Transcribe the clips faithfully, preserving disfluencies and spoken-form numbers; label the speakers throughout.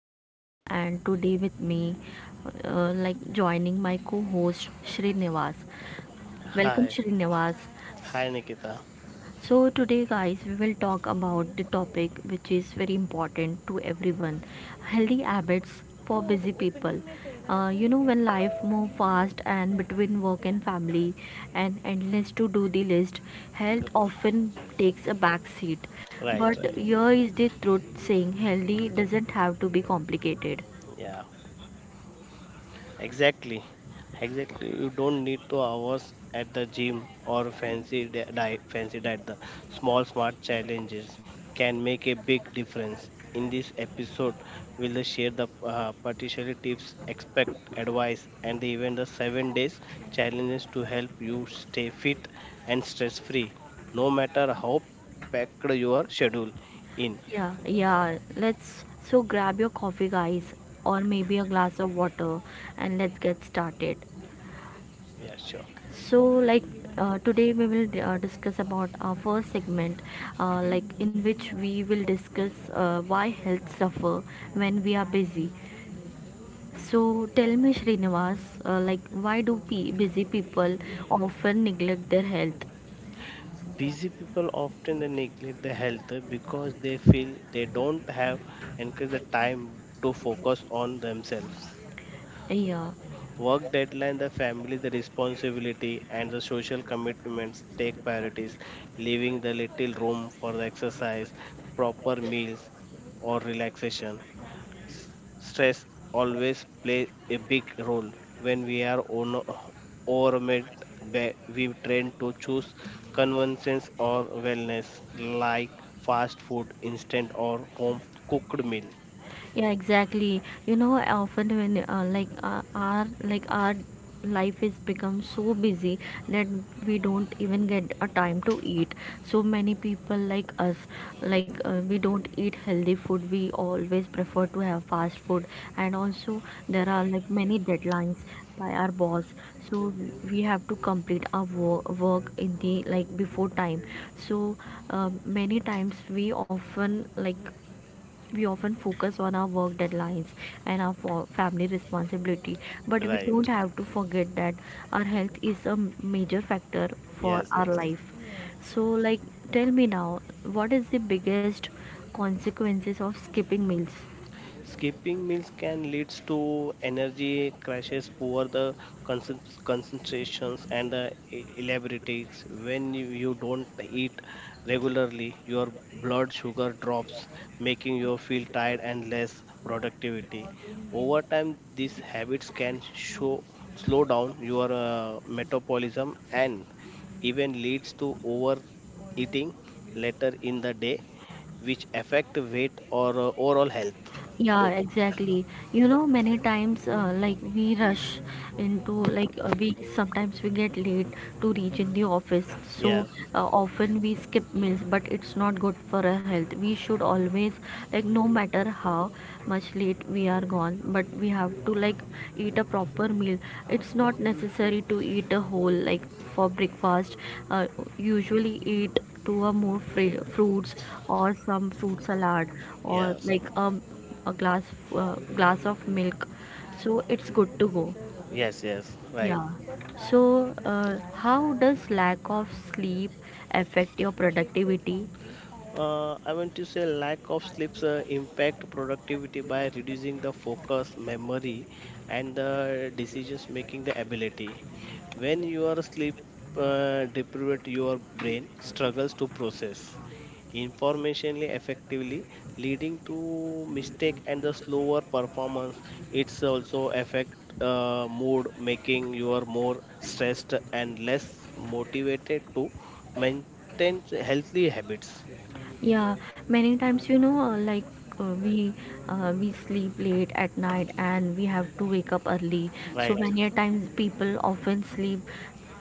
Speaker 1: Nikita, and today with me, uh, like joining my co-host Srinivas. Welcome
Speaker 2: Hi,
Speaker 1: Srinivas.
Speaker 2: hi Nikita.
Speaker 1: So today guys we will talk about the topic which is very important to everyone, healthy habits for busy people. Uh, you know when life move fast and between work and family and endless to do the list, health often takes a back seat.
Speaker 2: Right,
Speaker 1: But
Speaker 2: right.
Speaker 1: here is the truth, saying healthy doesn't have to be complicated.
Speaker 2: Yeah, exactly. Exactly. You don't need two hours at the gym or fancy di- di- fancy diet. The small smart challenges can make a big difference. In this episode, we'll share the uh, particular tips, expect advice, and the, even the seven days challenges to help you stay fit and stress free, no matter how packed your schedule in.
Speaker 1: Yeah, yeah. Let's so grab your coffee, guys, or maybe a glass of water, and let's get started.
Speaker 2: Yeah, sure.
Speaker 1: So, like uh, Today, we will uh, discuss about our first segment, uh, like in which we will discuss uh, why health suffer when we are busy. So, tell me, Srinivas, uh, like why do pe- busy people often neglect their health?
Speaker 2: Busy people often they neglect their health because they feel they don't have encourage the time to focus on themselves.
Speaker 1: Yeah.
Speaker 2: Work deadline, the family, the responsibility, and the social commitments take priorities, leaving the little room for the exercise, proper meals, or relaxation stress always plays a big role when we are on overwhelmed ba- we tend to choose convenience or wellness like fast food instant or home cooked meal.
Speaker 1: Yeah, exactly. You know, often when uh, like uh, our like our life is become so busy that we don't even get a time to eat. So many people like us, like uh, we don't eat healthy food, we always prefer to have fast food. And also there are like many deadlines by our boss, so we have to complete our wo- work in the like before time. So uh, many times we often like we often focus on our work deadlines and our fa- family responsibility, but we
Speaker 2: Right.
Speaker 1: don't have to forget that our health is a m- major factor for
Speaker 2: Yes,
Speaker 1: our
Speaker 2: yes.
Speaker 1: life. So like, tell me now, what is the biggest consequences of skipping meals?
Speaker 2: Skipping meals can lead to energy crashes, poor the concent- concentrations, and the e- elaborates. When you, you don't eat regularly, your blood sugar drops, making you feel tired and less productivity. Over time, these habits can show slow down your uh, metabolism and even leads to overeating later in the day, which affect weight or uh, overall health.
Speaker 1: Yeah,
Speaker 2: Oh,
Speaker 1: exactly. You know, many times uh, like we rush into like uh, we sometimes we get late to reach in the office.
Speaker 2: yeah,
Speaker 1: So uh, often we skip meals, but it's not good for our health. We should always, like, no matter how much late we are gone, but we have to like eat a proper meal. It's not necessary to eat a whole like for breakfast. Uh, Usually eat two or more fri- fruits or some fruit salad, or
Speaker 2: yeah,
Speaker 1: like um a glass uh, glass of milk, so it's good to go.
Speaker 2: yes, yes, right.
Speaker 1: Yeah, so uh, how does lack of sleep affect your productivity?
Speaker 2: Uh, I want to say lack of sleeps uh, impact productivity by reducing the focus, memory, and the decisions making the ability. When you are sleep uh, deprived, your brain struggles to process information effectively, leading to mistake and the slower performance. It's also affect uh, mood, making you are more stressed and less motivated to maintain healthy habits.
Speaker 1: Yeah, many times, you know, uh, like uh, we uh, we sleep late at night and we have to wake up early. So
Speaker 2: Right.
Speaker 1: many a times people often sleep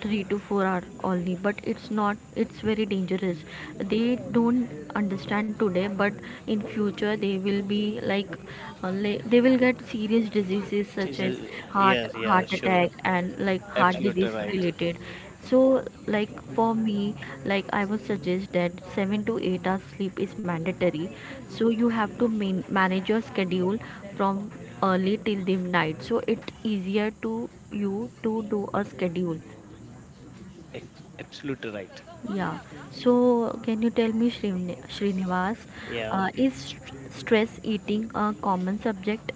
Speaker 1: three to four hour only, but it's not, it's very dangerous. They don't understand today, but in future they will be like uh, le- they will get serious diseases
Speaker 2: It
Speaker 1: such
Speaker 2: is
Speaker 1: as
Speaker 2: a-
Speaker 1: heart
Speaker 2: Yes, yeah,
Speaker 1: heart
Speaker 2: sure.
Speaker 1: attack and like heart
Speaker 2: Absolutely
Speaker 1: disease
Speaker 2: right.
Speaker 1: related. So like, for me, like I would suggest that seven to eight hours sleep is mandatory. So you have to man- manage your schedule from early till the night, so it's easier to you to do a schedule.
Speaker 2: Ex- Absolutely right.
Speaker 1: Yeah. So, can you tell me, Shrin- Srinivas,
Speaker 2: Yeah.
Speaker 1: uh, is st- stress eating a common subject?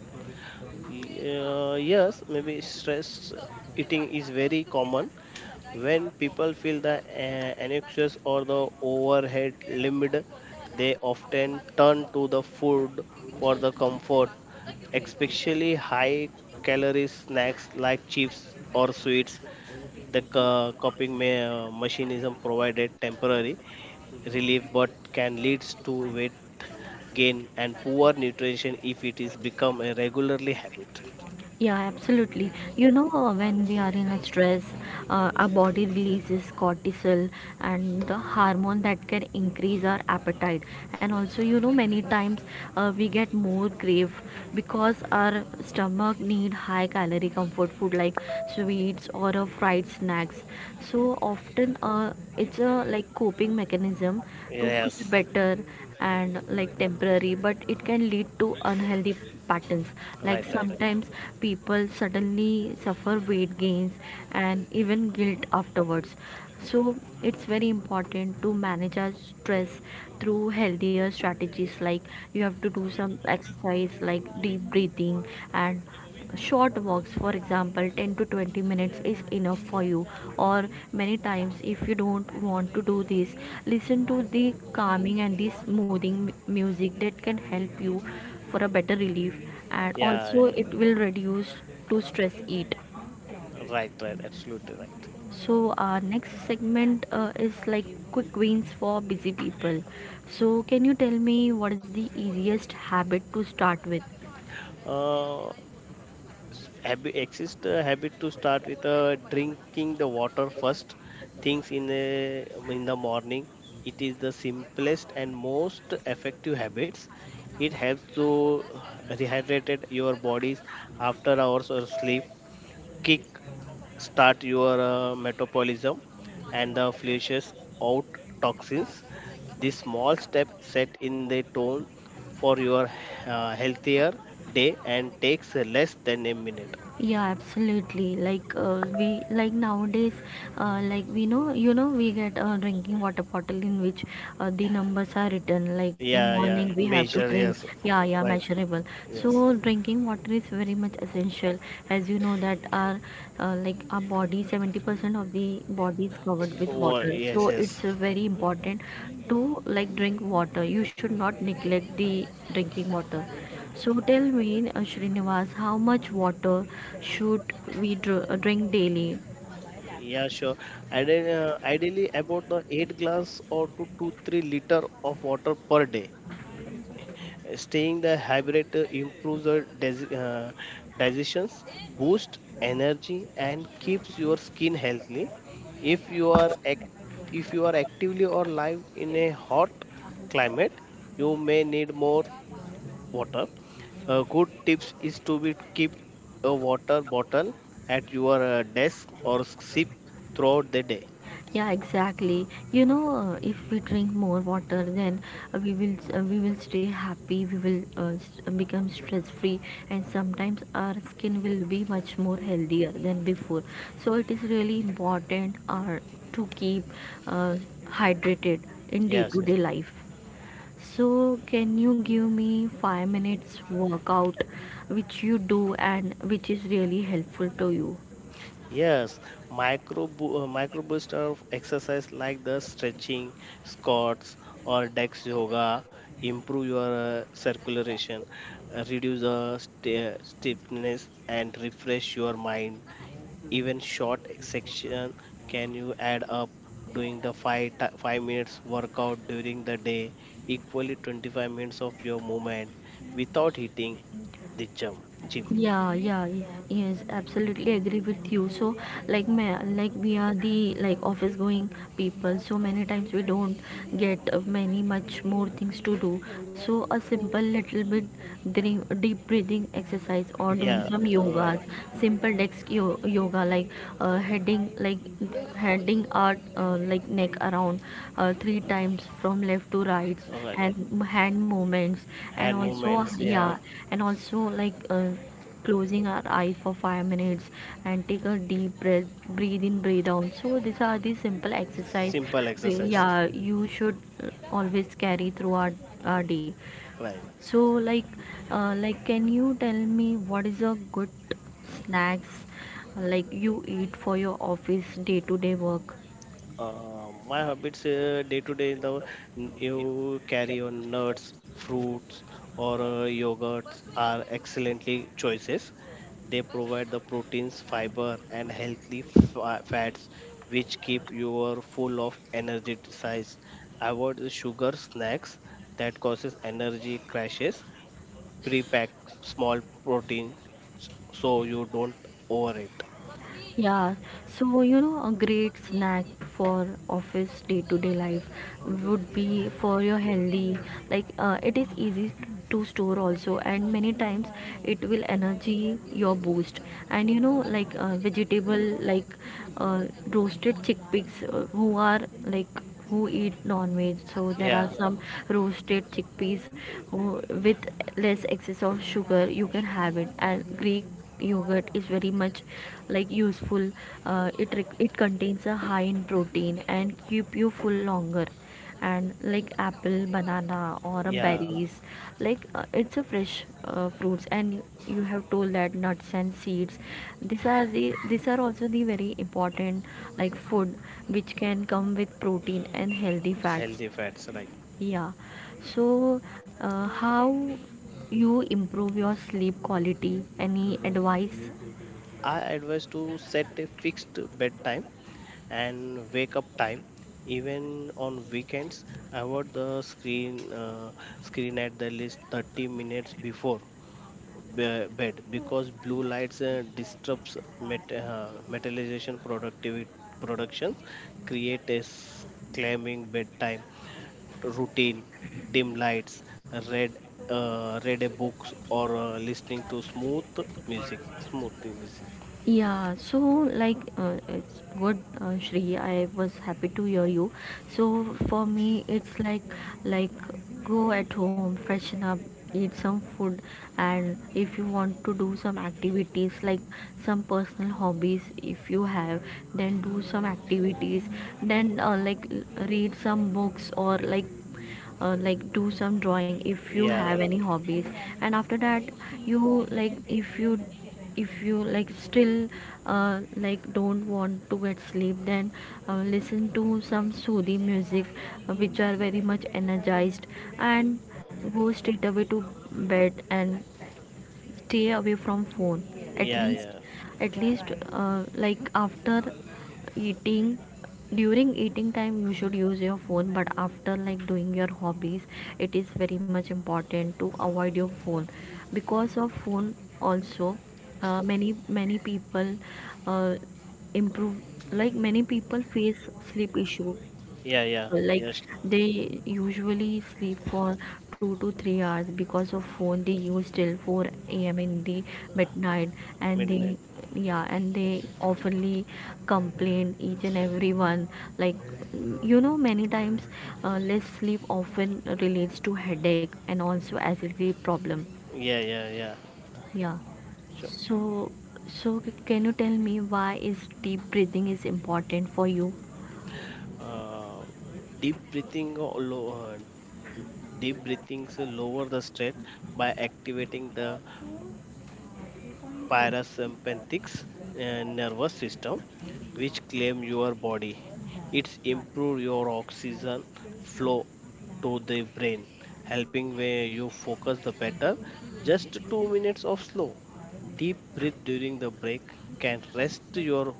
Speaker 2: Y- uh, yes, maybe stress eating is very common when people feel the uh, anxious or the overhead limit. They often turn to the food for the comfort, especially high calorie snacks like chips or sweets. The co- coping me- uh, mechanism provided temporary relief but can lead to weight gain and poor nutrition if it is become a regularly habit.
Speaker 1: Yeah, absolutely. You know, uh, when we are in a stress, uh, our body releases cortisol and the hormone that can increase our appetite. And also, you know, many times uh, we get more crave because our stomach need high calorie comfort food like sweets or uh, fried snacks. So often, a uh, it's a like coping mechanism to feel
Speaker 2: Yes.
Speaker 1: better and like temporary, but it can lead to unhealthy patterns. Like
Speaker 2: Right, right.
Speaker 1: sometimes people suddenly suffer weight gains and even guilt afterwards. So it's very important to manage our stress through healthier strategies, like you have to do some exercise like deep breathing and short walks. For example, ten to twenty minutes is enough for you. Or many times, if you don't want to do this, listen to the calming and the smoothing music that can help you for a better relief, and
Speaker 2: Yeah.
Speaker 1: also it will reduce to stress eat.
Speaker 2: Right, right, absolutely right.
Speaker 1: So our next segment uh, is like quick wins for busy people. So can you tell me what is the easiest habit to start with?
Speaker 2: uh habit exist a habit to start with, uh, drinking the water first things in the in the morning. It is the simplest and most effective habits. It helps to rehydrate your bodies after hours of sleep, kick start your uh, metabolism, and uh, flushes out toxins. This small step set in the tone for your uh, healthier day and takes less than a minute.
Speaker 1: Yeah, absolutely. Like uh, we like nowadays, uh, like we know you know we get a drinking water bottle in which uh, the numbers are written, like in
Speaker 2: Yeah, yeah,
Speaker 1: morning we have to
Speaker 2: measure,
Speaker 1: drink.
Speaker 2: yes,
Speaker 1: Yeah, yeah,
Speaker 2: right,
Speaker 1: measurable.
Speaker 2: yes.
Speaker 1: So drinking water is very much essential, as you know that our uh, like our body, seventy percent of the body is covered with
Speaker 2: Oh,
Speaker 1: water, so
Speaker 2: yes, yes.
Speaker 1: it's uh, very important to like drink water, you should not neglect the drinking water. So tell me, uh, Srinivas, how much water should we dr- uh, drink daily?
Speaker 2: Yeah, sure. Ide- uh, Ideally, about the eight glass or to two to three liter of water per day. Staying the hydrate improves your dis- uh, digestions, boosts energy, and keeps your skin healthy. If you are act- if you are actively or live in a hot climate, you may need more water. Uh, good tips is to be keep a water bottle at your uh, desk or sip throughout the day.
Speaker 1: Yeah, exactly. You know, uh, if we drink more water, then uh, we will uh, we will stay happy. We will uh, s- uh, become stress free, and sometimes our skin will be much more healthier than before. So it is really important uh, to keep uh, hydrated in day
Speaker 2: Yes,
Speaker 1: to
Speaker 2: yes.
Speaker 1: day life. So, can you give me five minutes workout which you do and which is really helpful to you?
Speaker 2: Yes, micro bo- uh, micro boost of exercise like the stretching, squats or dex yoga improve your uh, circulation, uh, reduce the st- stiffness and refresh your mind. Even short section can you add up doing the five ti five minutes workout during the day equally twenty-five minutes of your movement without hitting the gym. Gym.
Speaker 1: Yeah, yeah, yeah, yes, absolutely agree with you. So, like, ma- like we are the like office going people, so many times we don't get uh, many much more things to do. So, a simple little bit dream, deep breathing exercise or doing
Speaker 2: Yeah,
Speaker 1: some yogas,
Speaker 2: right.
Speaker 1: simple desk yo- yoga, like uh, heading like heading our uh, like neck around uh, three times from left to right,
Speaker 2: Right.
Speaker 1: and hand movements, and hand
Speaker 2: Hand
Speaker 1: also
Speaker 2: movements,
Speaker 1: movements, yeah,
Speaker 2: yeah.
Speaker 1: yes. And also like uh, closing our eyes for five minutes and take a deep breath, breathe in, breathe out. So these are the simple exercise
Speaker 2: Simple
Speaker 1: we-
Speaker 2: exercise.
Speaker 1: yeah, you should uh, always carry throughout our day.
Speaker 2: Right.
Speaker 1: So like uh, like can you tell me what is a good snacks like you eat for your office day to day work?
Speaker 2: Uh, my habits uh, day to day in the you carry on nuts fruits or uh, yogurts are excellently choices. They provide the proteins fiber and healthy fa- fats which keep your full of energy size. Avoid the sugar snacks that causes energy crashes. Pre-pack small protein so you don't overeat.
Speaker 1: Yeah, so you know, a great snack for office day-to-day life would be for your healthy. Like uh, it is easy to store also, and many times it will energy your boost. And you know, like uh, vegetable like uh, roasted chickpeas, uh, who are like, who eat non-veg, so there are
Speaker 2: Yeah.
Speaker 1: some roasted chickpeas, who, with less excess of sugar you can have it. And greek yogurt is very much like useful. uh, it it contains a high in protein and keep you full longer. And like apple, banana, or a
Speaker 2: Yeah,
Speaker 1: berries, like uh, it's a fresh uh, fruits. And you have told that nuts and seeds, these are the these are also the very important like food which can come with protein and healthy fats.
Speaker 2: healthy fats, right.
Speaker 1: Yeah, so uh, how you improve your sleep quality, any advice?
Speaker 2: I advise to set a fixed bedtime and wake up time. Even on weekends, avoid the screen uh, screen at the least thirty minutes before be- bed because blue lights uh, disrupts met- uh, metallization productivity productions, create a s- claiming bedtime routine, dim lights, read uh, read a books or uh, listening to smooth music, smooth music.
Speaker 1: Yeah, so like uh, it's good, uh, Shri. I was happy to hear you. So for me, it's like like go at home, freshen up, eat some food, and if you want to do some activities like some personal hobbies, if you have, then do some activities. Then uh, like l- read some books, or like uh, like do some drawing if you have
Speaker 2: Yeah,
Speaker 1: any hobbies. And after that, you like if you, if you like still uh, like don't want to get sleep, then uh, listen to some soothing music uh, which are very much energized, and go straight away to bed and stay away from phone. At
Speaker 2: yeah,
Speaker 1: least,
Speaker 2: yeah,
Speaker 1: at least uh, like after eating, during eating time you should use your phone, but after like doing your hobbies, it is very much important to avoid your phone. Because of phone also, uh, many many people uh, improve like many people face sleep issue.
Speaker 2: yeah, yeah.
Speaker 1: People like
Speaker 2: Yes,
Speaker 1: they usually sleep for two to three hours because of phone they use till four a m in the midnight, and they,
Speaker 2: midnight.
Speaker 1: yeah, and they oftenly complain each and everyone. Like, you know, many times uh, less sleep often relates to headache and also acidity problem.
Speaker 2: Yeah, yeah, yeah.
Speaker 1: Yeah,
Speaker 2: Sure.
Speaker 1: so, so c- can you tell me why is deep breathing is important for you?
Speaker 2: Uh, deep breathing, or low, uh, Deep breathings lower the stress by activating the parasympathetic uh, nervous system, which claim your body. It's improve your oxygen flow to the brain, helping where you focus the better. Just two minutes of slow, deep breath during the break can rest your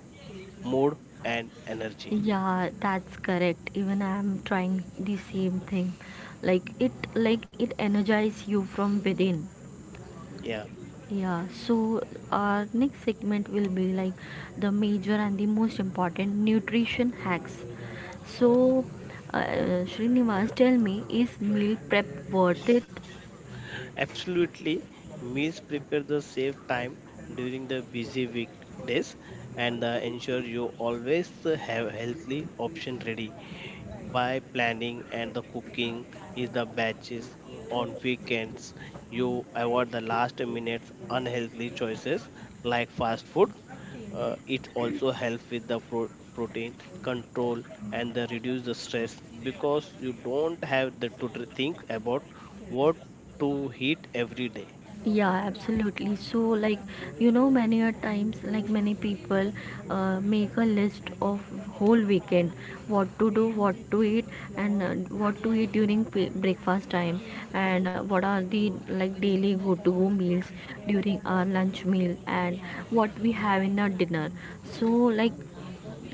Speaker 2: mood and energy.
Speaker 1: Yeah, that's correct. Even I'm trying the same thing. Like it like it energizes you from within.
Speaker 2: Yeah.
Speaker 1: Yeah, so our next segment will be like the major and the most important nutrition hacks. So, uh, Srinivas, tell me, is meal prep worth it?
Speaker 2: Absolutely, meals prepare the save time during the busy weekdays and uh, ensure you always have healthy option ready. By planning and the cooking is the batches on weekends, you avoid the last minute unhealthy choices like fast food. Uh, it also helps with the pro- protein control and the reduce the stress because you don't have the to dr- think about what to eat every day.
Speaker 1: Yeah, absolutely. So, like, you know, many a times, like, many people uh, make a list of whole weekend, what to do, what to eat, and uh, what to eat during p- breakfast time, and uh, what are the like daily go to meals during our lunch meal, and what we have in our dinner. So, like,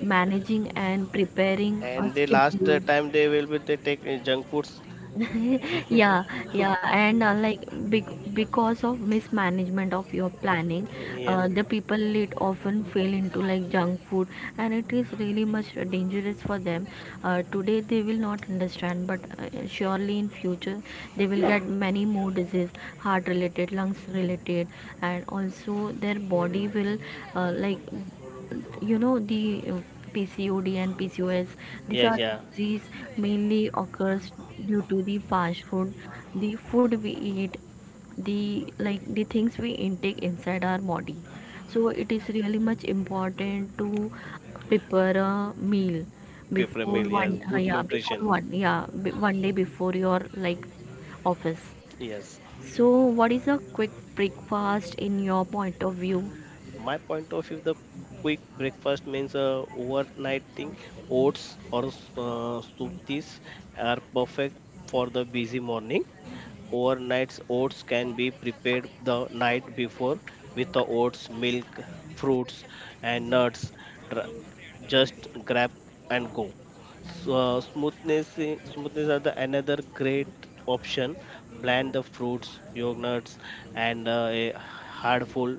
Speaker 1: managing and preparing a
Speaker 2: And the last uh,
Speaker 1: schedule
Speaker 2: time they will be they take uh, junk foods.
Speaker 1: yeah, yeah and uh, like bec because of mismanagement of your planning,
Speaker 2: Yeah,
Speaker 1: uh, the people it often fall into like junk food, and it is really much dangerous for them. Uh, today they will not understand, but uh, surely in future they will get many more disease, heart related, lungs related. And also their body will, uh, like you know the uh, P C O D and P C O S, these
Speaker 2: yes,
Speaker 1: are
Speaker 2: yeah.
Speaker 1: disease mainly occurs due to the fast food, the food we eat, the like the things we intake inside our body. So it is really much important to prepare a meal
Speaker 2: Paper
Speaker 1: before
Speaker 2: meal. Yes,
Speaker 1: one uh,
Speaker 2: good
Speaker 1: yeah before
Speaker 2: nutrition.
Speaker 1: one yeah b- one day before your like office.
Speaker 2: Yes.
Speaker 1: So what is a quick breakfast in your point of view?
Speaker 2: My point of view, the quick breakfast means uh, overnighting oats or uh, smoothies are perfect for the busy morning. Overnight oats can be prepared the night before with the oats milk fruits and nuts. Dr- just grab and go. So, uh, smoothness i- smoothness are the another great option. Blend the fruits yogurts and uh, a hard full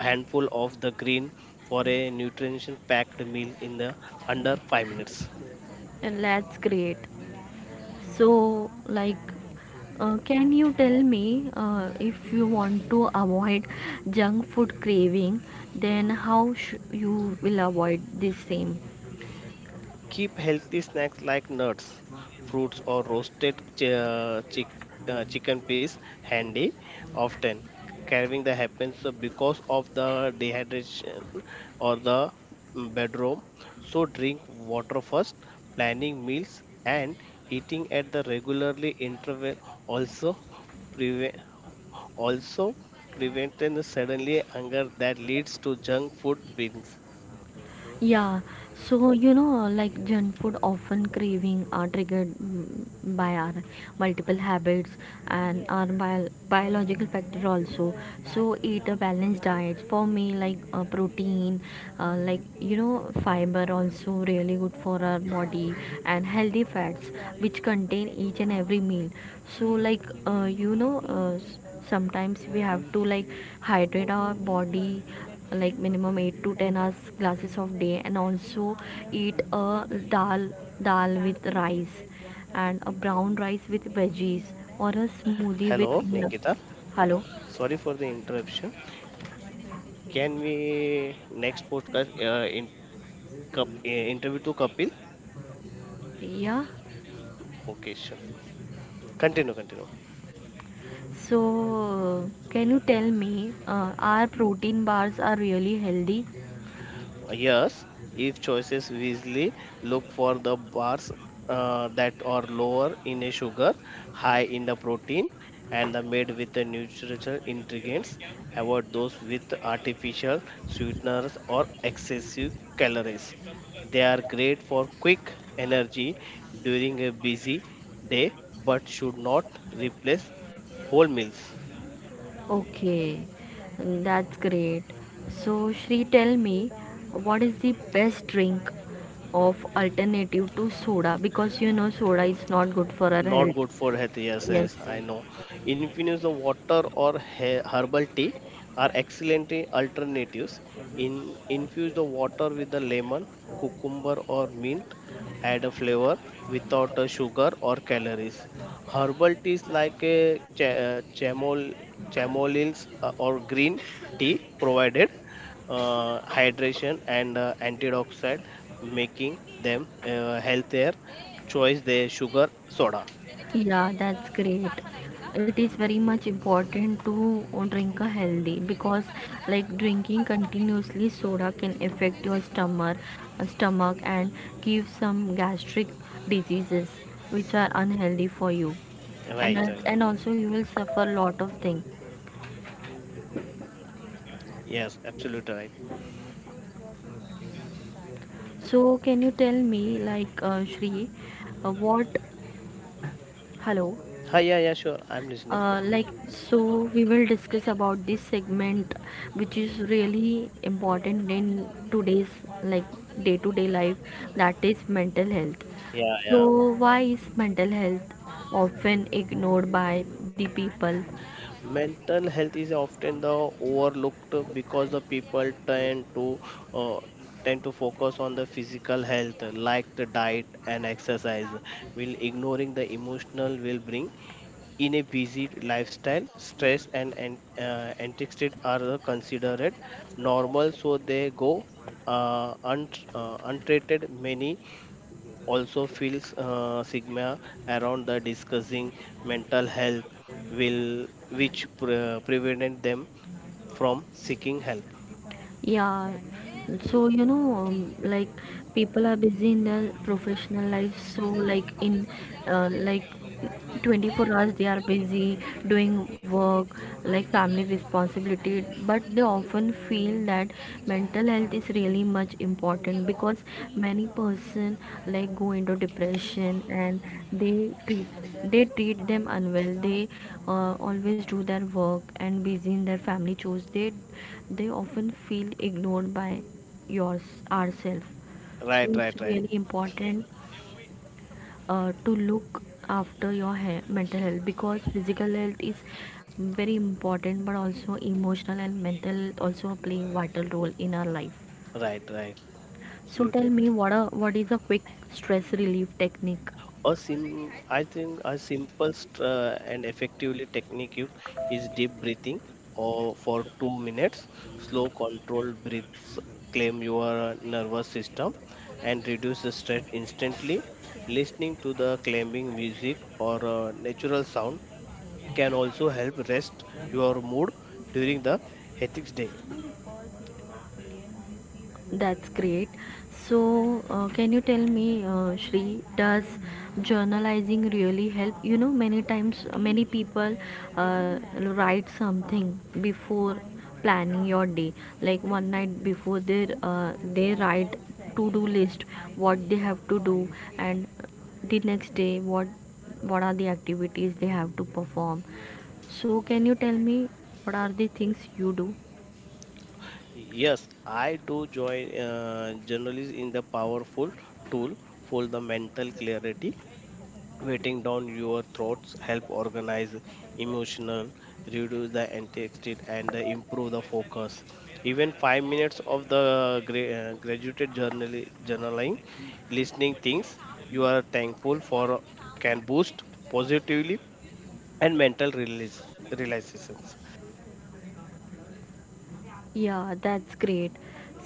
Speaker 2: handful of the green for a nutrition packed meal in the under five minutes.
Speaker 1: And let's create. So, like, uh, can you tell me, uh, if you want to avoid junk food craving, then how sh- you will avoid the same?
Speaker 2: Keep healthy snacks like nuts, fruits, or roasted ch- uh, chick- uh, chicken piece handy often. Carving that happens because of the dehydration or the bedroom. So drink water first. Planning meals and eating at the regularly interval also also preventing suddenly hunger that leads to junk food binges.
Speaker 1: Yeah, so you know, like junk food often craving are triggered, mm, by our multiple habits and our bio- biological factor also. So eat a balanced diet for me, like uh, protein, uh, like you know, fiber also really good for our body, and healthy fats, which contain each and every meal. So like uh, you know. Uh, sometimes we have to like hydrate our body like minimum eight to ten hours glasses of day, and also eat a dal dal with rice, and a brown rice with veggies, or a smoothie with
Speaker 2: Hello,
Speaker 1: nu-
Speaker 2: Nikita.
Speaker 1: hello.
Speaker 2: Sorry for the interruption. Can we next podcast uh, in cup, uh, interview to Kapil?
Speaker 1: Yeah,
Speaker 2: Okay, sure. Continue, continue.
Speaker 1: so can you tell me, uh, are protein bars are really healthy?
Speaker 2: Yes, if choices wisely, look for the bars uh, that are lower in a sugar, high in the protein, and the made with the natural ingredients. Avoid those with artificial sweeteners or excessive calories. They are great for quick energy during a busy day, but should not replace whole meals.
Speaker 1: Okay, that's great. So, Shri, tell me, what is the best drink of alternative to soda? Because you know soda is not good for our
Speaker 2: Not
Speaker 1: health.
Speaker 2: good for health, yes,
Speaker 1: Yes.
Speaker 2: yes, I know. Infuse the water or he- herbal tea are excellent alternatives. In infuse the water with the lemon cucumber or mint, add a flavor without a sugar or calories. Herbal teas like a cha- uh, chamol chamolis uh, or green tea provided uh, hydration and uh, antioxidant making them uh, healthier choice their sugar soda.
Speaker 1: Yeah, that's great. It is very much important to drink a healthy, because like drinking continuously soda can affect your stomach, uh, stomach and give some gastric diseases which are unhealthy for you. And
Speaker 2: Right,
Speaker 1: al-
Speaker 2: right.
Speaker 1: and also you will suffer lot of things.
Speaker 2: Yes, absolutely right.
Speaker 1: So can you tell me like, uh, Shri, uh, what, hello?
Speaker 2: Hi, yeah, yeah, sure. I'm listening.
Speaker 1: Uh, like, so we will discuss about this segment, which is really important in today's, like, day to day life, that is mental health.
Speaker 2: Yeah,
Speaker 1: So
Speaker 2: yeah.
Speaker 1: why is mental health often ignored by the people?
Speaker 2: Mental health is often the overlooked because the people tend to uh, tend to focus on the physical health like the diet and exercise. Will ignoring the emotional will bring. In a busy lifestyle, stress and an- uh, anxiety are the considered normal, so they go uh, unt- uh, untreated. Many also feels uh, stigma around the discussing mental health, will which pre- prevented them from seeking help.
Speaker 1: Yeah, so you know, um, like people are busy in their professional life, so like in uh, like twenty-four hours they are busy doing work, like family responsibility, but they often feel that mental health is really much important, because many person like go into depression and they treat they treat them unwell. They uh, always do their work and busy in their family chores. They they often feel ignored by yours, ourselves. So
Speaker 2: Right,
Speaker 1: it's
Speaker 2: right, right,
Speaker 1: really important uh, to look after your hair, mental health, because physical health is very important, but also emotional and mental health also play a vital role in our life.
Speaker 2: right, right.
Speaker 1: So tell
Speaker 2: Absolutely.
Speaker 1: me, what a what is a quick stress relief technique?
Speaker 2: A sim, I think a simple st- uh, and effectively technique you- is deep breathing or for two minutes. Slow, controlled breaths calm your nervous system and reduce the stress instantly. Listening to the calming music or uh, natural sound can also help rest your mood during the hectic day.
Speaker 1: That's great. So, uh, can you tell me, uh, Shri, does journalizing really help? You know, many times, uh, many people uh, write something before planning your day, like one night before they uh, they write to-do list, what they have to do, and the next day what what are the activities they have to perform. So, can you tell me what are the things you do?
Speaker 2: Yes, I do join uh, journalists in the powerful tool for the mental clarity, waiting down your throats help organize emotional, reduce the anxiety and improve the focus. Even five minutes of the gra- uh, graduated journal- journaling listening things you are thankful for can boost positively and mental release realizations.
Speaker 1: Yeah, that's great.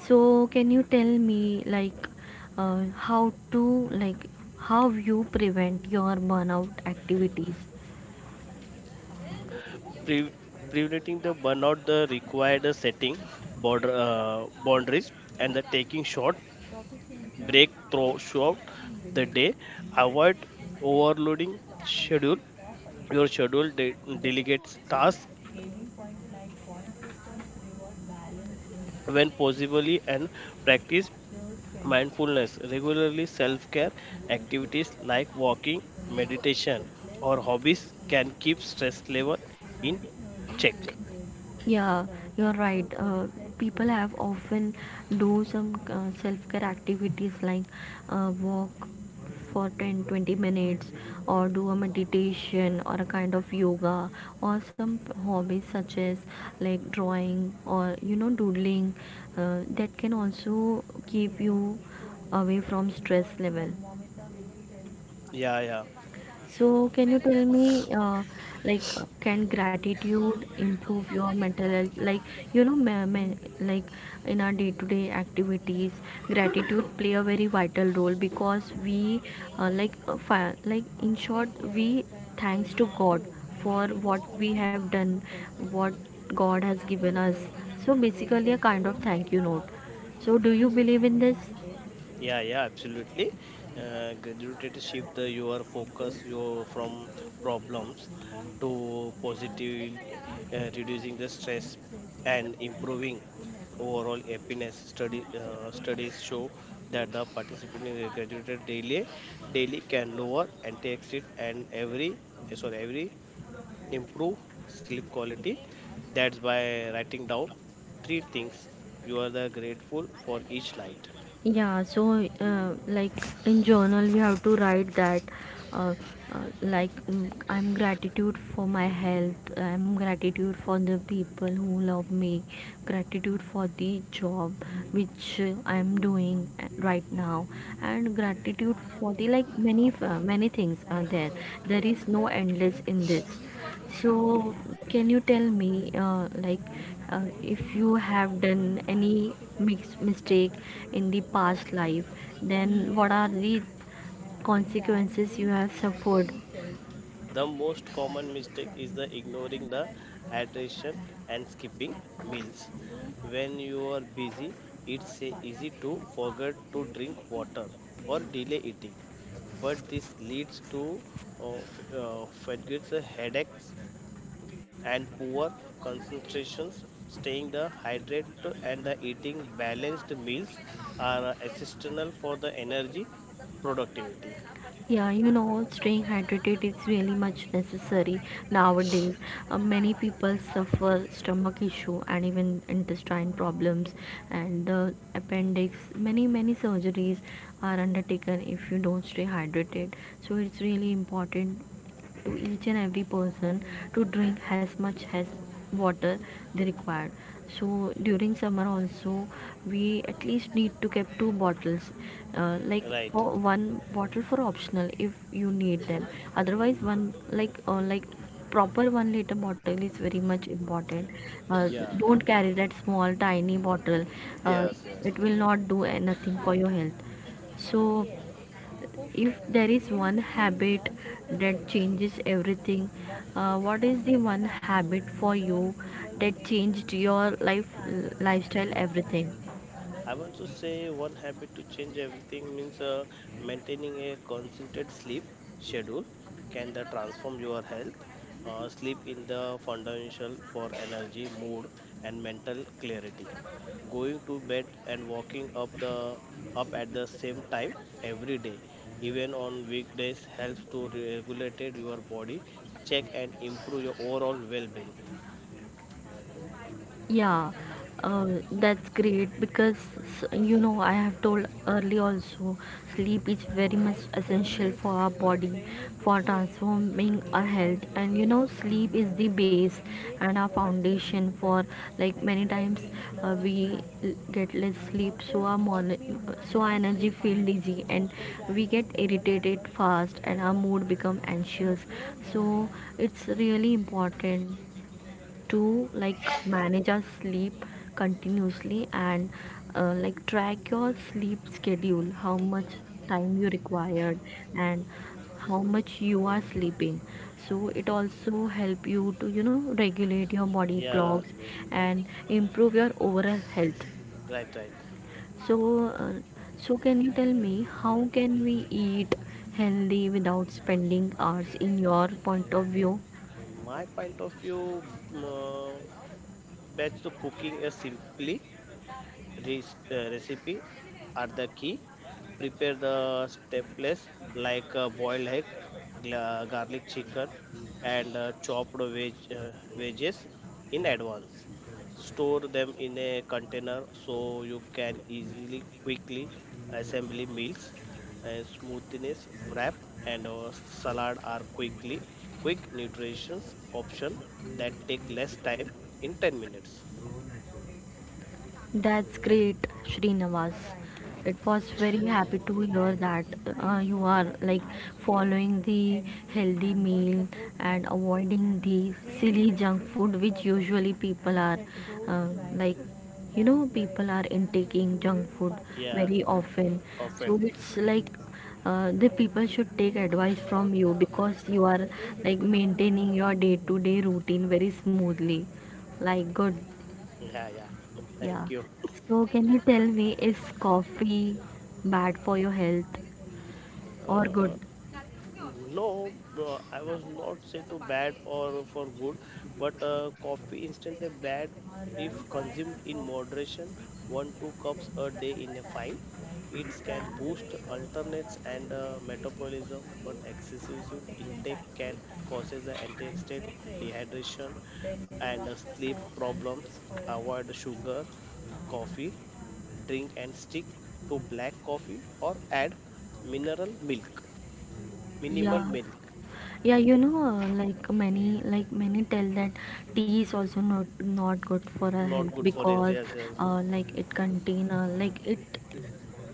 Speaker 1: So, can you tell me like, uh, how to like, how you prevent your burnout activities?
Speaker 2: Pre- Preventing the burnout the required setting border uh, boundaries and the taking short break thro- throughout the day. Avoid overloading schedule your schedule. De- delegate tasks when possibly and practice mindfulness regularly. Self-care activities like walking, meditation, or hobbies can keep stress level in check.
Speaker 1: Yeah, you're right. Uh, people have often do some uh, self-care activities like uh, walk for ten, twenty minutes, or do a meditation or a kind of yoga, or some hobbies such as like drawing, or you know, doodling, uh, that can also keep you away from stress level.
Speaker 2: Yeah, yeah.
Speaker 1: So, can you tell me, uh, like, uh, can gratitude improve your mental health? Like, you know, ma- ma- like in our day-to-day activities, gratitude play a very vital role, because we, uh, like, uh, fi- like in short, we thanks to God for what we have done, what God has given us. So basically, a kind of thank you note. So, do you believe in this?
Speaker 2: Yeah, yeah, absolutely. Uh, graduated shift uh, your focus your from problems to positive, uh, reducing the stress and improving overall happiness. Study uh, Studies show that the participant in the graduated daily daily can lower antioxidant and every eh, sorry every improve sleep quality. That's by writing down three things you are the grateful for each night.
Speaker 1: Yeah, so uh, like in journal we have to write that uh, uh, like mm, I'm gratitude for my health, I'm gratitude for the people who love me, gratitude for the job which uh, I'm doing uh, right now, and gratitude for the like many f- uh, many things are there. There is no endless in this. So, can you tell me, uh, like, uh, if you have done any mis- mistake in the past life, then what are the consequences you have suffered?
Speaker 2: The most common mistake is the ignoring the hydration and skipping meals. When you are busy, it's uh, easy to forget to drink water or delay eating. But this leads to uh, f- uh, fatigues, uh, headaches, and poor concentrations. Staying the hydrate and the eating balanced meals are uh, essential for the energy productivity.
Speaker 1: Yeah, you know, staying hydrated is really much necessary nowadays. Uh, many people suffer stomach issue and even intestine problems and the appendix. Many many surgeries are undertaken if you don't stay hydrated. So it's really important to each and every person to drink as much as water they required. So during summer also we at least need to keep two bottles uh, like
Speaker 2: Right?
Speaker 1: for one, bottle for optional if you need them, otherwise one, like uh, like proper one liter bottle is very much important. uh,
Speaker 2: Yeah.
Speaker 1: don't carry that small tiny bottle. uh,
Speaker 2: Yes. Yes.
Speaker 1: it will not do anything for your health. So if there is one habit that changes everything, uh, what is the one habit for you that changed your life, lifestyle, everything?
Speaker 2: I want to say one habit to change everything means, uh, maintaining a concentrated sleep schedule can the transform your health. Uh, sleep in the fundamental for energy, mood, and mental clarity. Going to bed and walking up the up at the same time every day, even on weekdays, helps to regulate your body, check and improve your overall well-being.
Speaker 1: Yeah, uh, that's great because you know I have told early also, sleep is very much essential for our body, for transforming our health, and you know sleep is the base and our foundation for, like many times, uh, we l- get less sleep, so our morning, so our energy feel dizzy, and we get irritated fast and our mood become anxious. So it's really important to like manage our sleep continuously, and uh, like track your sleep schedule, how much time you required, and how much you are sleeping. So it also help you to you know regulate your body
Speaker 2: Yeah,
Speaker 1: clocks and improve your overall health.
Speaker 2: right, right.
Speaker 1: So uh, so can you tell me how can we eat healthy without spending hours in your point of view?
Speaker 2: My point of view. Uh, Batch to cooking is simply re- uh, recipe are the key. Prepare the stepless like uh, boiled egg, gla- garlic chicken, and uh, chopped veg- uh, veggies in advance. Store them in a container so you can easily, quickly assemble meals. And smoothness wrap and uh, salad are quickly quick nutrition option that take less time in ten minutes.
Speaker 1: That's great, Srinivas. It was very happy to hear that uh, you are like following the healthy meal and avoiding the silly junk food which usually people are uh, like, you know, people are intaking junk food
Speaker 2: Yeah,
Speaker 1: very often. So
Speaker 2: often.
Speaker 1: it's like uh, the people should take advice from you because you are like maintaining your day to day routine very smoothly, like good.
Speaker 2: Yeah, yeah.
Speaker 1: Yeah.
Speaker 2: Thank you.
Speaker 1: So can you tell me, is coffee bad for your health or good?
Speaker 2: Uh, no, uh, I was not say to bad or for good, but uh, coffee instantly bad if consumed in moderation. One two cups a day in a fine. It can boost alternates and uh, metabolism, but excessive intake can causes the anti-state dehydration and uh, sleep problems. Avoid sugar, coffee. Drink and stick to black coffee or add mineral milk minimal
Speaker 1: Yeah.
Speaker 2: milk.
Speaker 1: Yeah, you know, uh, like many, like many tell that tea is also not not good for our
Speaker 2: Not
Speaker 1: health,
Speaker 2: good for it,
Speaker 1: because
Speaker 2: yes, yes.
Speaker 1: uh, like it contain, uh, like it,
Speaker 2: it,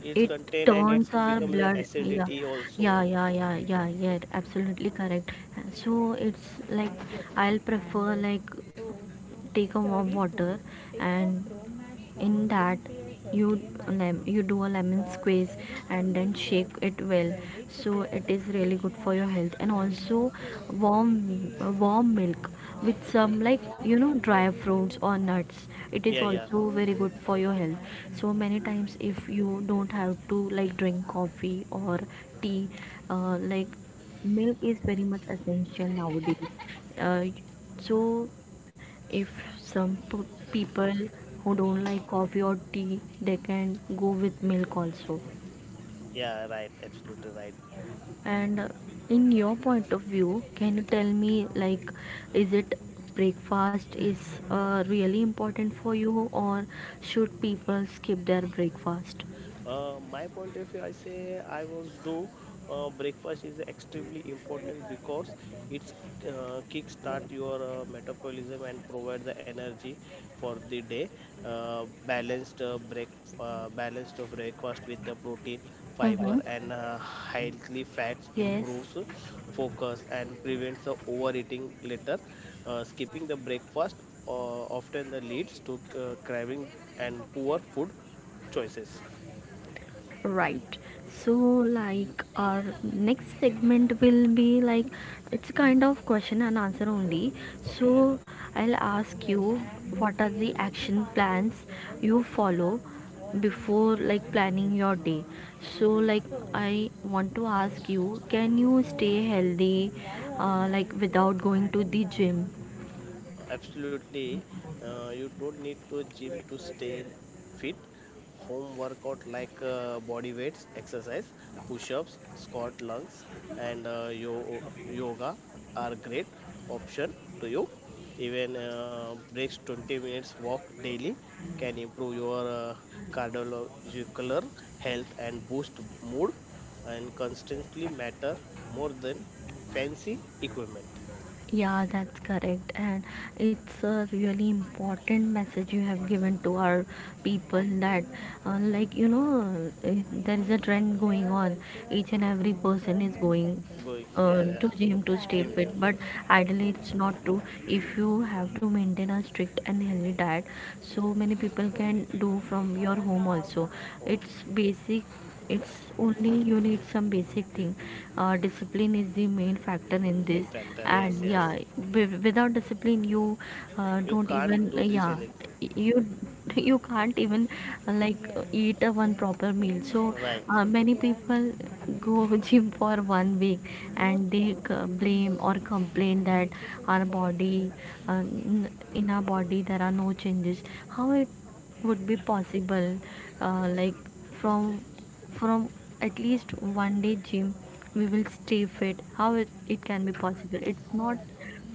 Speaker 2: it's
Speaker 1: it
Speaker 2: contain and it's
Speaker 1: turns our
Speaker 2: becomes
Speaker 1: blood. Yeah,
Speaker 2: acidity also.
Speaker 1: yeah, yeah, yeah, yeah, yeah. Absolutely correct. So it's like I'll prefer like take a warm water, and in that you, lem- you do a lemon squeeze and then shake it well, so it is really good for your health. And also warm, warm milk with some, like you know, dry fruits or nuts, it is
Speaker 2: Yeah, yeah,
Speaker 1: also very good for your health. So many times if you don't have to like drink coffee or tea, uh, like, milk is very much essential nowadays. uh, so if some p- people who don't like coffee or tea, they can go with milk also.
Speaker 2: yeah, right, absolutely right.
Speaker 1: And uh, in your point of view, can you tell me like, is it, breakfast is uh, really important for you, or should people skip their breakfast?
Speaker 2: Uh, my point of view, I say I was do uh, breakfast is extremely important because it's uh, kickstart your uh, metabolism and provide the energy for the day. Uh, balanced uh, break uh, Balanced of breakfast with the protein,
Speaker 1: Mm-hmm.
Speaker 2: fiber, and uh, healthy fats
Speaker 1: Yes.
Speaker 2: improves focus and prevents the overeating later. Uh, skipping the breakfast uh, often the leads to uh, craving and poor food choices.
Speaker 1: Right. So, like, our next segment will be like, it's kind of question and answer only. So,
Speaker 2: Okay,
Speaker 1: I'll ask you, what are the action plans you follow before like planning your day. So, like, I want to ask you, can you stay healthy uh, like without going to the gym?
Speaker 2: absolutely. Uh, you don't need to gym to stay fit. Home workout like uh, body weights, exercise, push-ups, squat, lungs, and uh, yo- yoga are great option to you. Even uh, breaks twenty minutes walk daily can improve your uh, cardiovascular health and boost mood. And constantly matter more than fancy equipment.
Speaker 1: Yeah, that's correct, and it's a really important message you have given to our people that, uh, like you know, uh, there is a trend going on. Each and every person is going
Speaker 2: Going,
Speaker 1: uh,
Speaker 2: yeah, yeah.
Speaker 1: to gym to stay
Speaker 2: Gym,
Speaker 1: fit,
Speaker 2: gym
Speaker 1: but
Speaker 2: to
Speaker 1: ideally it's not true. If you have to maintain a strict and healthy diet, so many people can do from your home also.
Speaker 2: home,
Speaker 1: It's basic. It's only you need some basic thing, uh, discipline is the main factor in this.
Speaker 2: main factor. Yes,
Speaker 1: And
Speaker 2: yes.
Speaker 1: yeah, without discipline you uh,
Speaker 2: You
Speaker 1: don't
Speaker 2: can't
Speaker 1: even uh,
Speaker 2: do this
Speaker 1: yeah
Speaker 2: anything.
Speaker 1: you you can't even uh, like uh, eat a one proper meal. So
Speaker 2: Right,
Speaker 1: uh, many people go gym for one week and they c- blame or complain that our body uh, n- in our body there are no changes. How it would be possible, uh, like from from at least one day gym we will stay fit? How it, it can be possible? It's not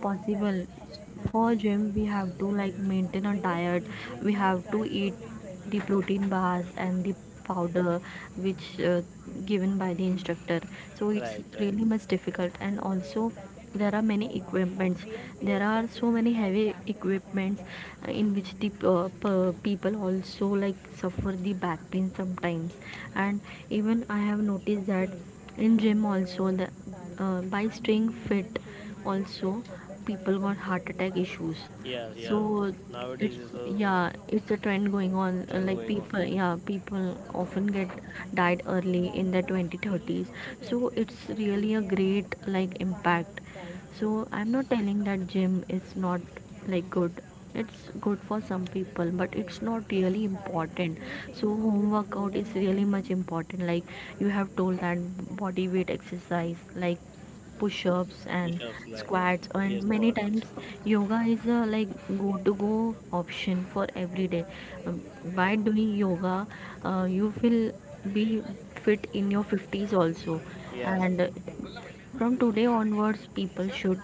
Speaker 1: possible. For gym we have to like maintain a diet, we have to eat the protein bars and the powder which uh, given by the instructor. So it's
Speaker 2: right, right.
Speaker 1: really much difficult. And also there are many equipments, there are so many heavy equipments uh, in which the uh, p- people also like suffer the back pain sometimes. And even I have noticed that in gym also, the uh, by staying fit also, people got heart attack issues.
Speaker 2: Yeah, yeah.
Speaker 1: So
Speaker 2: Nowadays
Speaker 1: it's
Speaker 2: is a
Speaker 1: yeah, it's a trend going on, uh,
Speaker 2: trend
Speaker 1: like
Speaker 2: going on.
Speaker 1: people, yeah, people often get died early in their twenty thirties. So it's really a great like impact. So I'm not telling that gym is not like good. It's good for some people, but it's not really important. So home workout is really much important, like you have told that body weight exercise like push-ups and
Speaker 2: Push-ups, like
Speaker 1: squats. And
Speaker 2: yes,
Speaker 1: many
Speaker 2: God.
Speaker 1: times yoga is a like go to go option for every day. Um, by doing yoga uh, you will be fit in your fifties also.
Speaker 2: Yes,
Speaker 1: And uh, from today onwards people should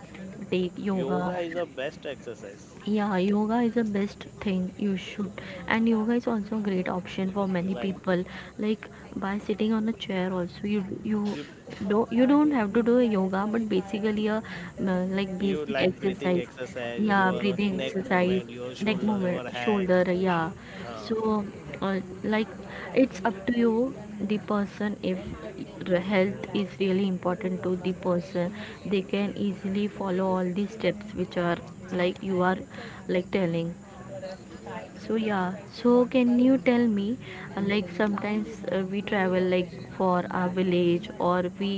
Speaker 1: take yoga.
Speaker 2: yoga is the best exercise.
Speaker 1: Yeah, yoga is the best thing you should. And yoga is also a great option for many
Speaker 2: Right.
Speaker 1: people, like by sitting on a chair also, you you
Speaker 2: You
Speaker 1: do, you don't have to do a yoga, but basically a uh, like
Speaker 2: you
Speaker 1: basic
Speaker 2: like breathing
Speaker 1: exercise.
Speaker 2: exercise.
Speaker 1: Yeah,
Speaker 2: Your
Speaker 1: breathing
Speaker 2: neck
Speaker 1: exercise,
Speaker 2: movement, your
Speaker 1: neck
Speaker 2: shoulder,
Speaker 1: movement,
Speaker 2: your hand.
Speaker 1: shoulder, yeah.
Speaker 2: Huh.
Speaker 1: So uh, like it's up to you, the person, if r- health is really important to the person, they can easily follow all these steps which are like you are like telling.
Speaker 2: Yeah.
Speaker 1: So yeah, so can you tell me, uh, like sometimes uh, we travel like for our village, or we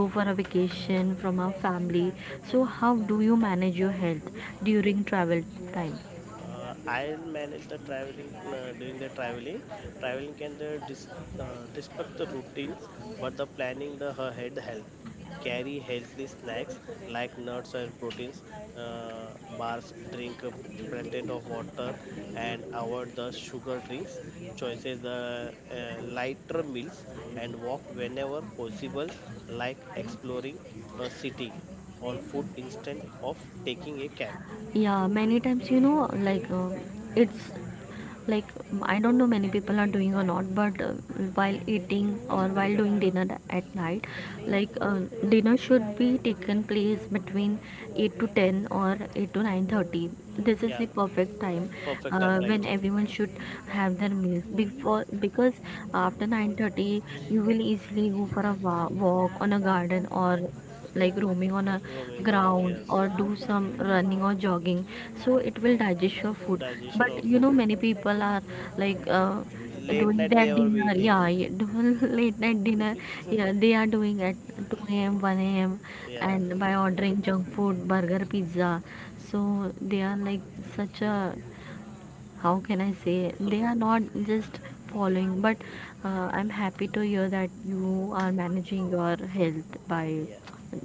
Speaker 1: go for a vacation from our family. So how do you manage your health during travel time?
Speaker 2: Uh, I'll manage the traveling uh, during the traveling. Traveling can the dis, uh, disrupt the routines, but the planning the her head help. Carry healthy snacks like nuts and proteins, uh, bars, drink a plenty of water, and avoid the sugar drinks. Choices the uh, lighter meals and walk whenever possible, like exploring a city on foot instead of taking a cab.
Speaker 1: Yeah, many times, you know, like uh, it's like I don't know many people are doing or not, but uh, while eating or while doing dinner at night,
Speaker 2: Uh,
Speaker 1: like uh, dinner should be taken place between eight to ten or eight to nine thirty. This is
Speaker 2: Yeah.
Speaker 1: the perfect time
Speaker 2: Perfect time,
Speaker 1: uh,
Speaker 2: right?
Speaker 1: when everyone should have their meals before, because after nine thirty you will easily go for a wa- walk on a garden, or like roaming on a
Speaker 2: Roaming war,
Speaker 1: ground,
Speaker 2: yes.
Speaker 1: or do some running or jogging, so it will digest your food.
Speaker 2: Digestion or
Speaker 1: But you
Speaker 2: food.
Speaker 1: know, many people are like uh,
Speaker 2: Late
Speaker 1: doing
Speaker 2: night they
Speaker 1: that
Speaker 2: were
Speaker 1: dinner,
Speaker 2: waiting.
Speaker 1: yeah, yeah, late night dinner. Yeah, they are doing at two a.m, one a.m,
Speaker 2: Yeah.
Speaker 1: and by ordering junk food, burger, pizza. So they are like such a, how can I say, they are not just following, but uh, I'm happy to hear that you are managing your health by
Speaker 2: Yeah.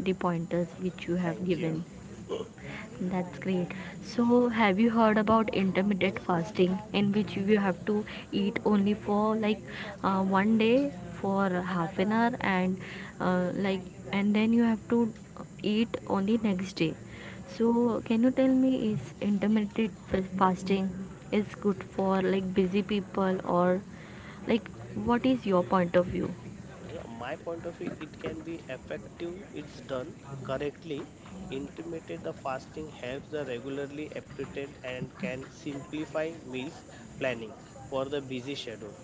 Speaker 1: the pointers which you have
Speaker 2: Thank you.
Speaker 1: given. That's great. So, have you heard about intermittent fasting, in which you have to eat only for like uh, one day for half an hour, and uh, like, and then you have to eat only next day. So, can you tell me, is intermittent f- fasting is good for like busy people, or like, what is your point of view?
Speaker 2: Yeah, my point of view it can be effective it's done correctly. Intermittent the fasting helps the regularly appetite and can simplify meals planning for the busy schedule.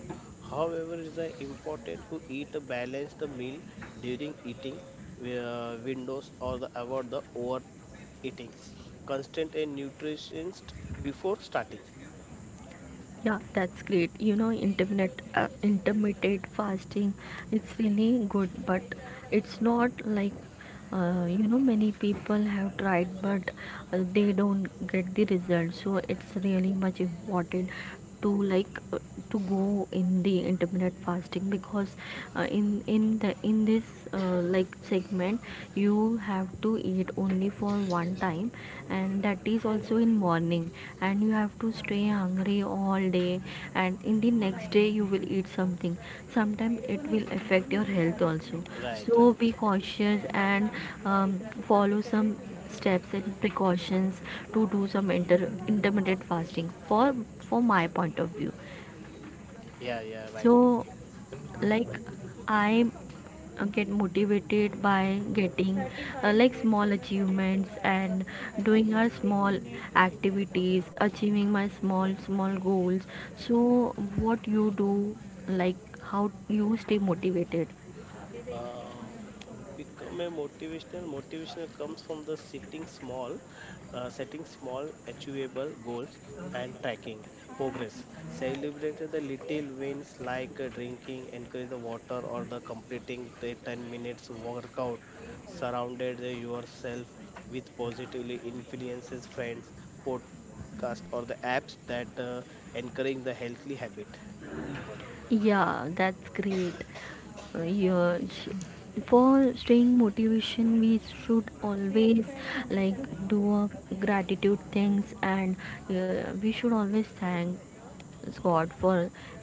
Speaker 2: However it is uh, important to eat a balanced meal during eating uh, windows or the, avoid the overeating constant and nutritionist before starting.
Speaker 1: Yeah, that's great. You know, intermittent uh, intermittent fasting, it's really good, but it's not like, uh, you know, many people have tried, but uh, they don't get the result. So it's really much important to like uh, to go in the intermittent fasting, because uh, in in the in this uh, like segment you have to eat only for one time, and that is also in morning, and you have to stay hungry all day, and in the next day you will eat something. Sometimes it will affect your health also.
Speaker 2: Right,
Speaker 1: So
Speaker 2: right,
Speaker 1: be cautious and um, follow some steps and precautions to do some inter- intermittent fasting, for for my point of view.
Speaker 2: yeah, yeah,
Speaker 1: So
Speaker 2: right, absolutely
Speaker 1: like,
Speaker 2: right.
Speaker 1: I uh, get motivated by getting uh, like small achievements and doing our small activities, achieving my small small goals. So what you do, like, how you stay motivated?
Speaker 2: uh, become a motivational Motivational comes from the sitting small uh, setting small achievable goals and tracking progress. Celebrate the little wins like uh, drinking encourage the water or the completing the ten minutes workout. Surrounded the yourself with positively influences friends, podcast or the apps that uh, encourage the healthy habit.
Speaker 1: Yeah, that's great. Uh, Yeah, sh- for staying motivation, we should always like do a gratitude things, and uh, we should always thank God for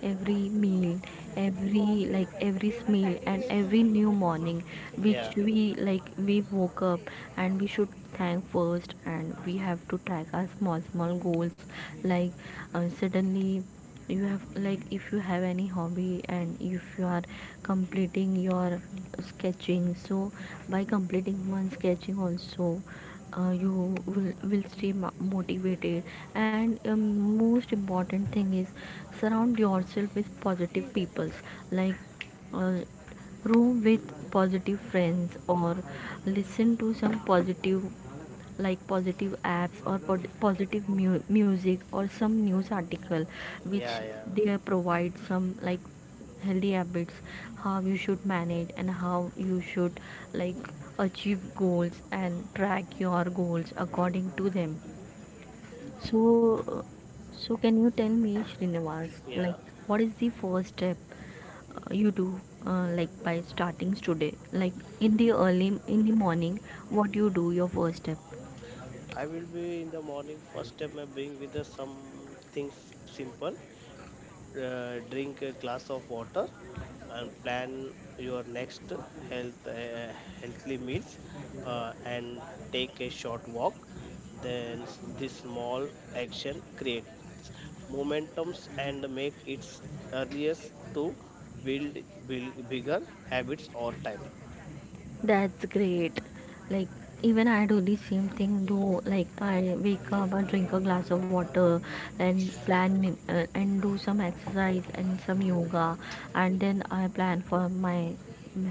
Speaker 1: every meal, every like every meal and every new morning, which
Speaker 2: Yeah,
Speaker 1: we like we woke up, and we should thank first. And we have to track our small small goals, like uh, suddenly, you have like, if you have any hobby and if you are completing your sketching, so by completing one sketching also, uh, you will will stay motivated. And um, most important thing is surround yourself with positive peoples, like uh, room with positive friends, or listen to some positive like positive apps, or pod- positive mu- music, or some news article which
Speaker 2: yeah, yeah,
Speaker 1: they provide some like healthy habits, how you should manage and how you should like achieve goals and track your goals according to them. So uh, so can you tell me, Srinivas,
Speaker 2: yeah.
Speaker 1: like, what is the first step uh, you do, uh, like by starting today, like in the early in the morning, what you do your first step?
Speaker 2: I will be in the morning. First time I bring with us something s- simple. Uh, drink a glass of water and plan your next health uh, healthy meals uh, and take a short walk. Then s- this small action creates momentums and make its earliest to build, build bigger habits over time.
Speaker 1: That's great. Like, even I do the same thing though. Like I wake up, I drink a glass of water, and plan uh, and do some exercise and some yoga, and then I plan for my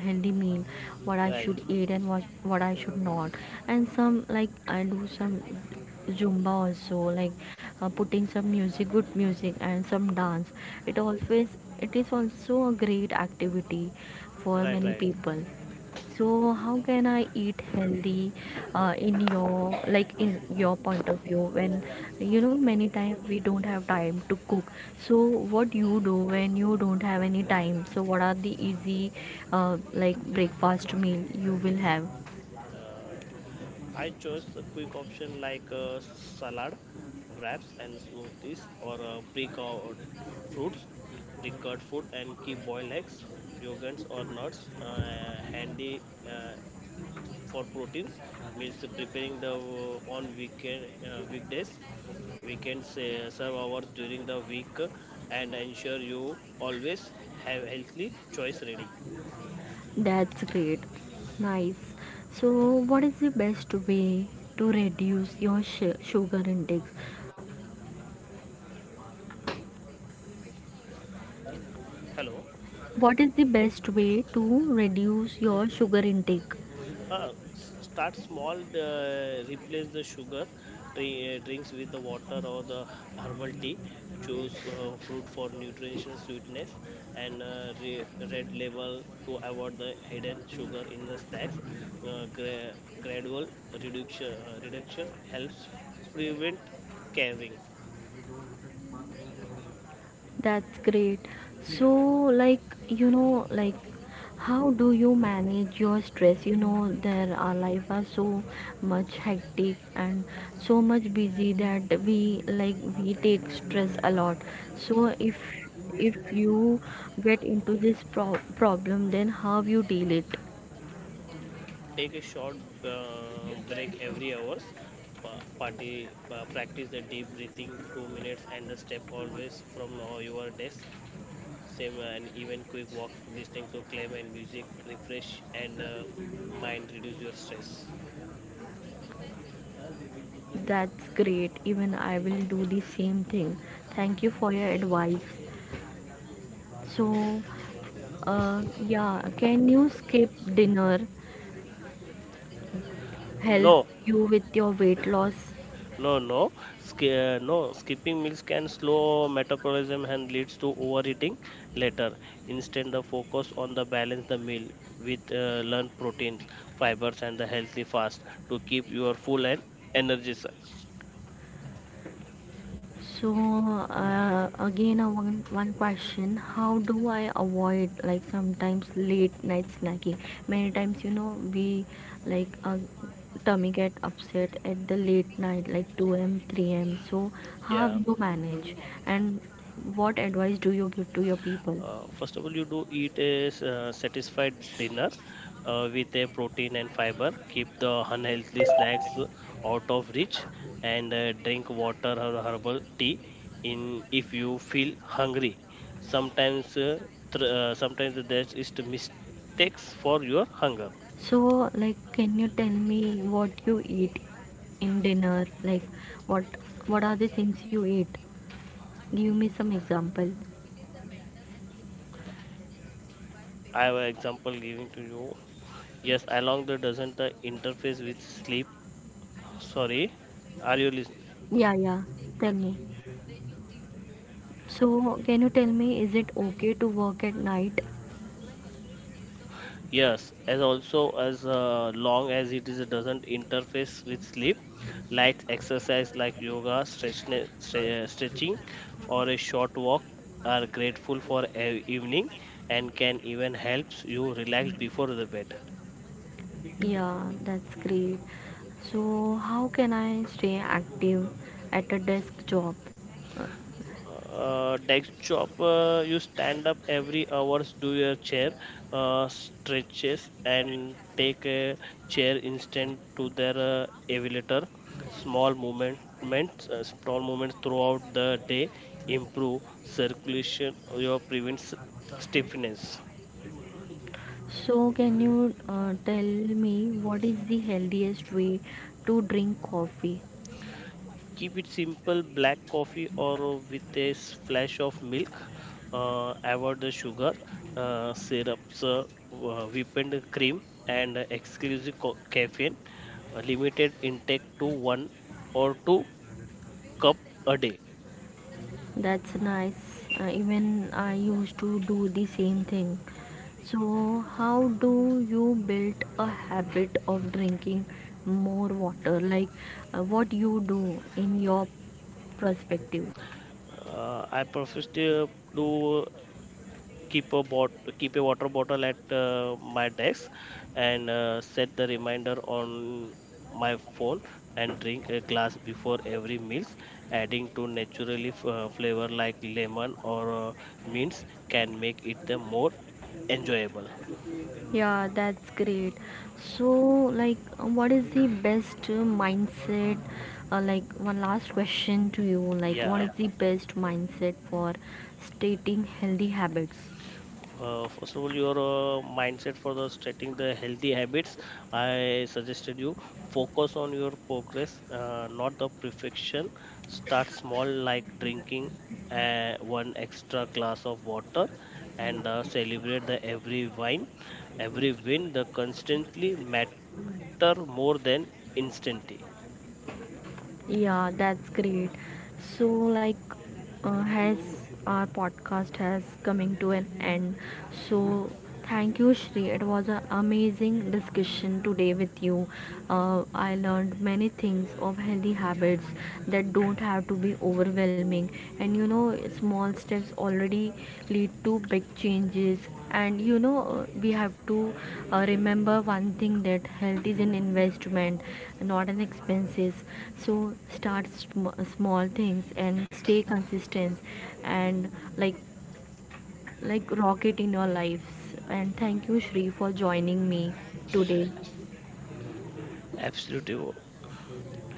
Speaker 1: healthy meal, what I
Speaker 2: Right,
Speaker 1: should eat and what what I should not. And some like I do some zumba also, like uh, putting some music, good music, and some dance. It always, it is also a great activity for
Speaker 2: right,
Speaker 1: many
Speaker 2: right.
Speaker 1: people. So how can I eat healthy uh, in your like in your point of view, when you know many times we don't have time to cook. So what you do when you don't have any time? So what are the easy uh, like breakfast meal you will have?
Speaker 2: Uh, I chose a quick option like uh, salad, wraps, and smoothies, or uh, pre-cut fruits, pre-cut food, and keep boiled eggs, yogurts, or nuts uh, handy uh, for proteins. Means preparing the uh, on weekend uh, weekdays. We can say serve hours during the week and ensure you always have healthy choice ready.
Speaker 1: That's great. Nice. So what is the best way to reduce your sh- sugar intake?
Speaker 2: Hello.
Speaker 1: What is the best way to reduce your sugar intake?
Speaker 2: Uh, s- start small, uh, replace the sugar dri- uh, drinks with the water or the herbal tea. Choose uh, fruit for nutritional sweetness and uh, re- red label to avoid the hidden sugar in the snacks. Uh, gra- Gradual reduction, uh, reduction helps prevent caving.
Speaker 1: That's great. So, like, you know, like, how do you manage your stress? You know, there our life are so much hectic and so much busy that we like we take stress a lot. So, if if you get into this pro- problem, then how you deal it?
Speaker 2: Take a short uh, break every hour. Pa- Party, uh, practice the deep breathing two minutes and the step always from uh, your desk same and even quick walk listening to claim and music refresh and uh, mind reduce your stress.
Speaker 1: That's great. Even I will do the same thing. Thank you for your advice. So, uh, yeah, can you skip dinner? Help
Speaker 2: No,
Speaker 1: you with your weight loss.
Speaker 2: no, no. Sk- uh, no, skipping meals can slow metabolism and leads to overeating later. Instead, the focus on the balance the meal with uh, learn proteins, fibers, and the healthy fast to keep your full and energy, sir.
Speaker 1: So uh, again, a one one question: how do I avoid like sometimes late night snacking? Many times, you know, we like uh, tummy get upset at the late night, like two m, three m. So how
Speaker 2: Yeah.
Speaker 1: do you manage? And what advice do you give to your people?
Speaker 2: Uh, first of all, you do eat a s- uh, satisfied dinner uh, with a protein and fiber. Keep the unhealthy snacks out of reach, and uh, drink water or herbal tea in if you feel hungry. Sometimes, uh, thr uh, sometimes that is the mistakes for your hunger.
Speaker 1: So like, can you tell me what you eat in dinner? Like, what what are the things you eat? Give me some example.
Speaker 2: I have an example giving to you. Yes, along the doesn't uh, interface with sleep. Sorry, are you listening?
Speaker 1: Yeah, yeah. Tell me. So, can you tell me, is it okay to work at night?
Speaker 2: Yes, as also as uh, long as it is doesn't interface with sleep, light exercise like yoga, stretch, stre- stretching, or a short walk are grateful for a evening and can even helps you relax before the bed.
Speaker 1: Yeah, that's great. So, how can I stay active at a desk job? Uh,
Speaker 2: Uh, desk job uh, you stand up every hours do your chair uh, stretches and take a chair instant to their uh, elevator. Small movements uh, small movements throughout the day improve circulation your prevents stiffness.
Speaker 1: So, can you uh, tell me, what is the healthiest way to drink coffee?
Speaker 2: Keep it simple black coffee or with a splash of milk, uh, avoid the sugar uh, syrups, uh, uh, whipped cream and exclusive co- caffeine. Uh, limited intake to one or two cup a day.
Speaker 1: That's nice. Uh, even I used to do the same thing. So, how do you build a habit of drinking more water? Like, uh, what you do in your perspective?
Speaker 2: uh, I prefer to do keep a bot keep a water bottle at uh, my desk and uh, set the reminder on my phone and drink a glass before every meals. Adding to naturally f- uh, flavor like lemon or uh, mints can make it the more enjoyable.
Speaker 1: Yeah, that's great. So, like, what is the best uh, mindset? Uh, like, one last question to you. Like, what
Speaker 2: Yeah.
Speaker 1: is the best mindset for stating healthy habits?
Speaker 2: Uh, first of all your uh, mindset for the starting the healthy habits, I suggested you focus on your progress, uh, not the perfection. Start small like drinking uh, one extra glass of water and uh, celebrate the every wine every win. The constantly matter more than instantly.
Speaker 1: Yeah, that's great. So, like, uh, has our podcast has coming to an end. So, thank you, Shri. It was an amazing discussion today with you. Uh, I learned many things of healthy habits that don't have to be overwhelming. And you know, small steps already lead to big changes. And you know, we have to uh, remember one thing, that health is an investment, not an expenses. So start sm- small things and stay consistent, and like like rocket in your lives. And thank you, Shri, for joining me today.
Speaker 2: Absolutely.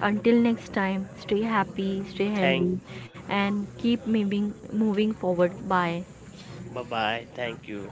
Speaker 1: Until next time, stay happy, stay
Speaker 2: Thank.
Speaker 1: healthy, and keep moving moving forward. Bye.
Speaker 2: Bye bye, thank you.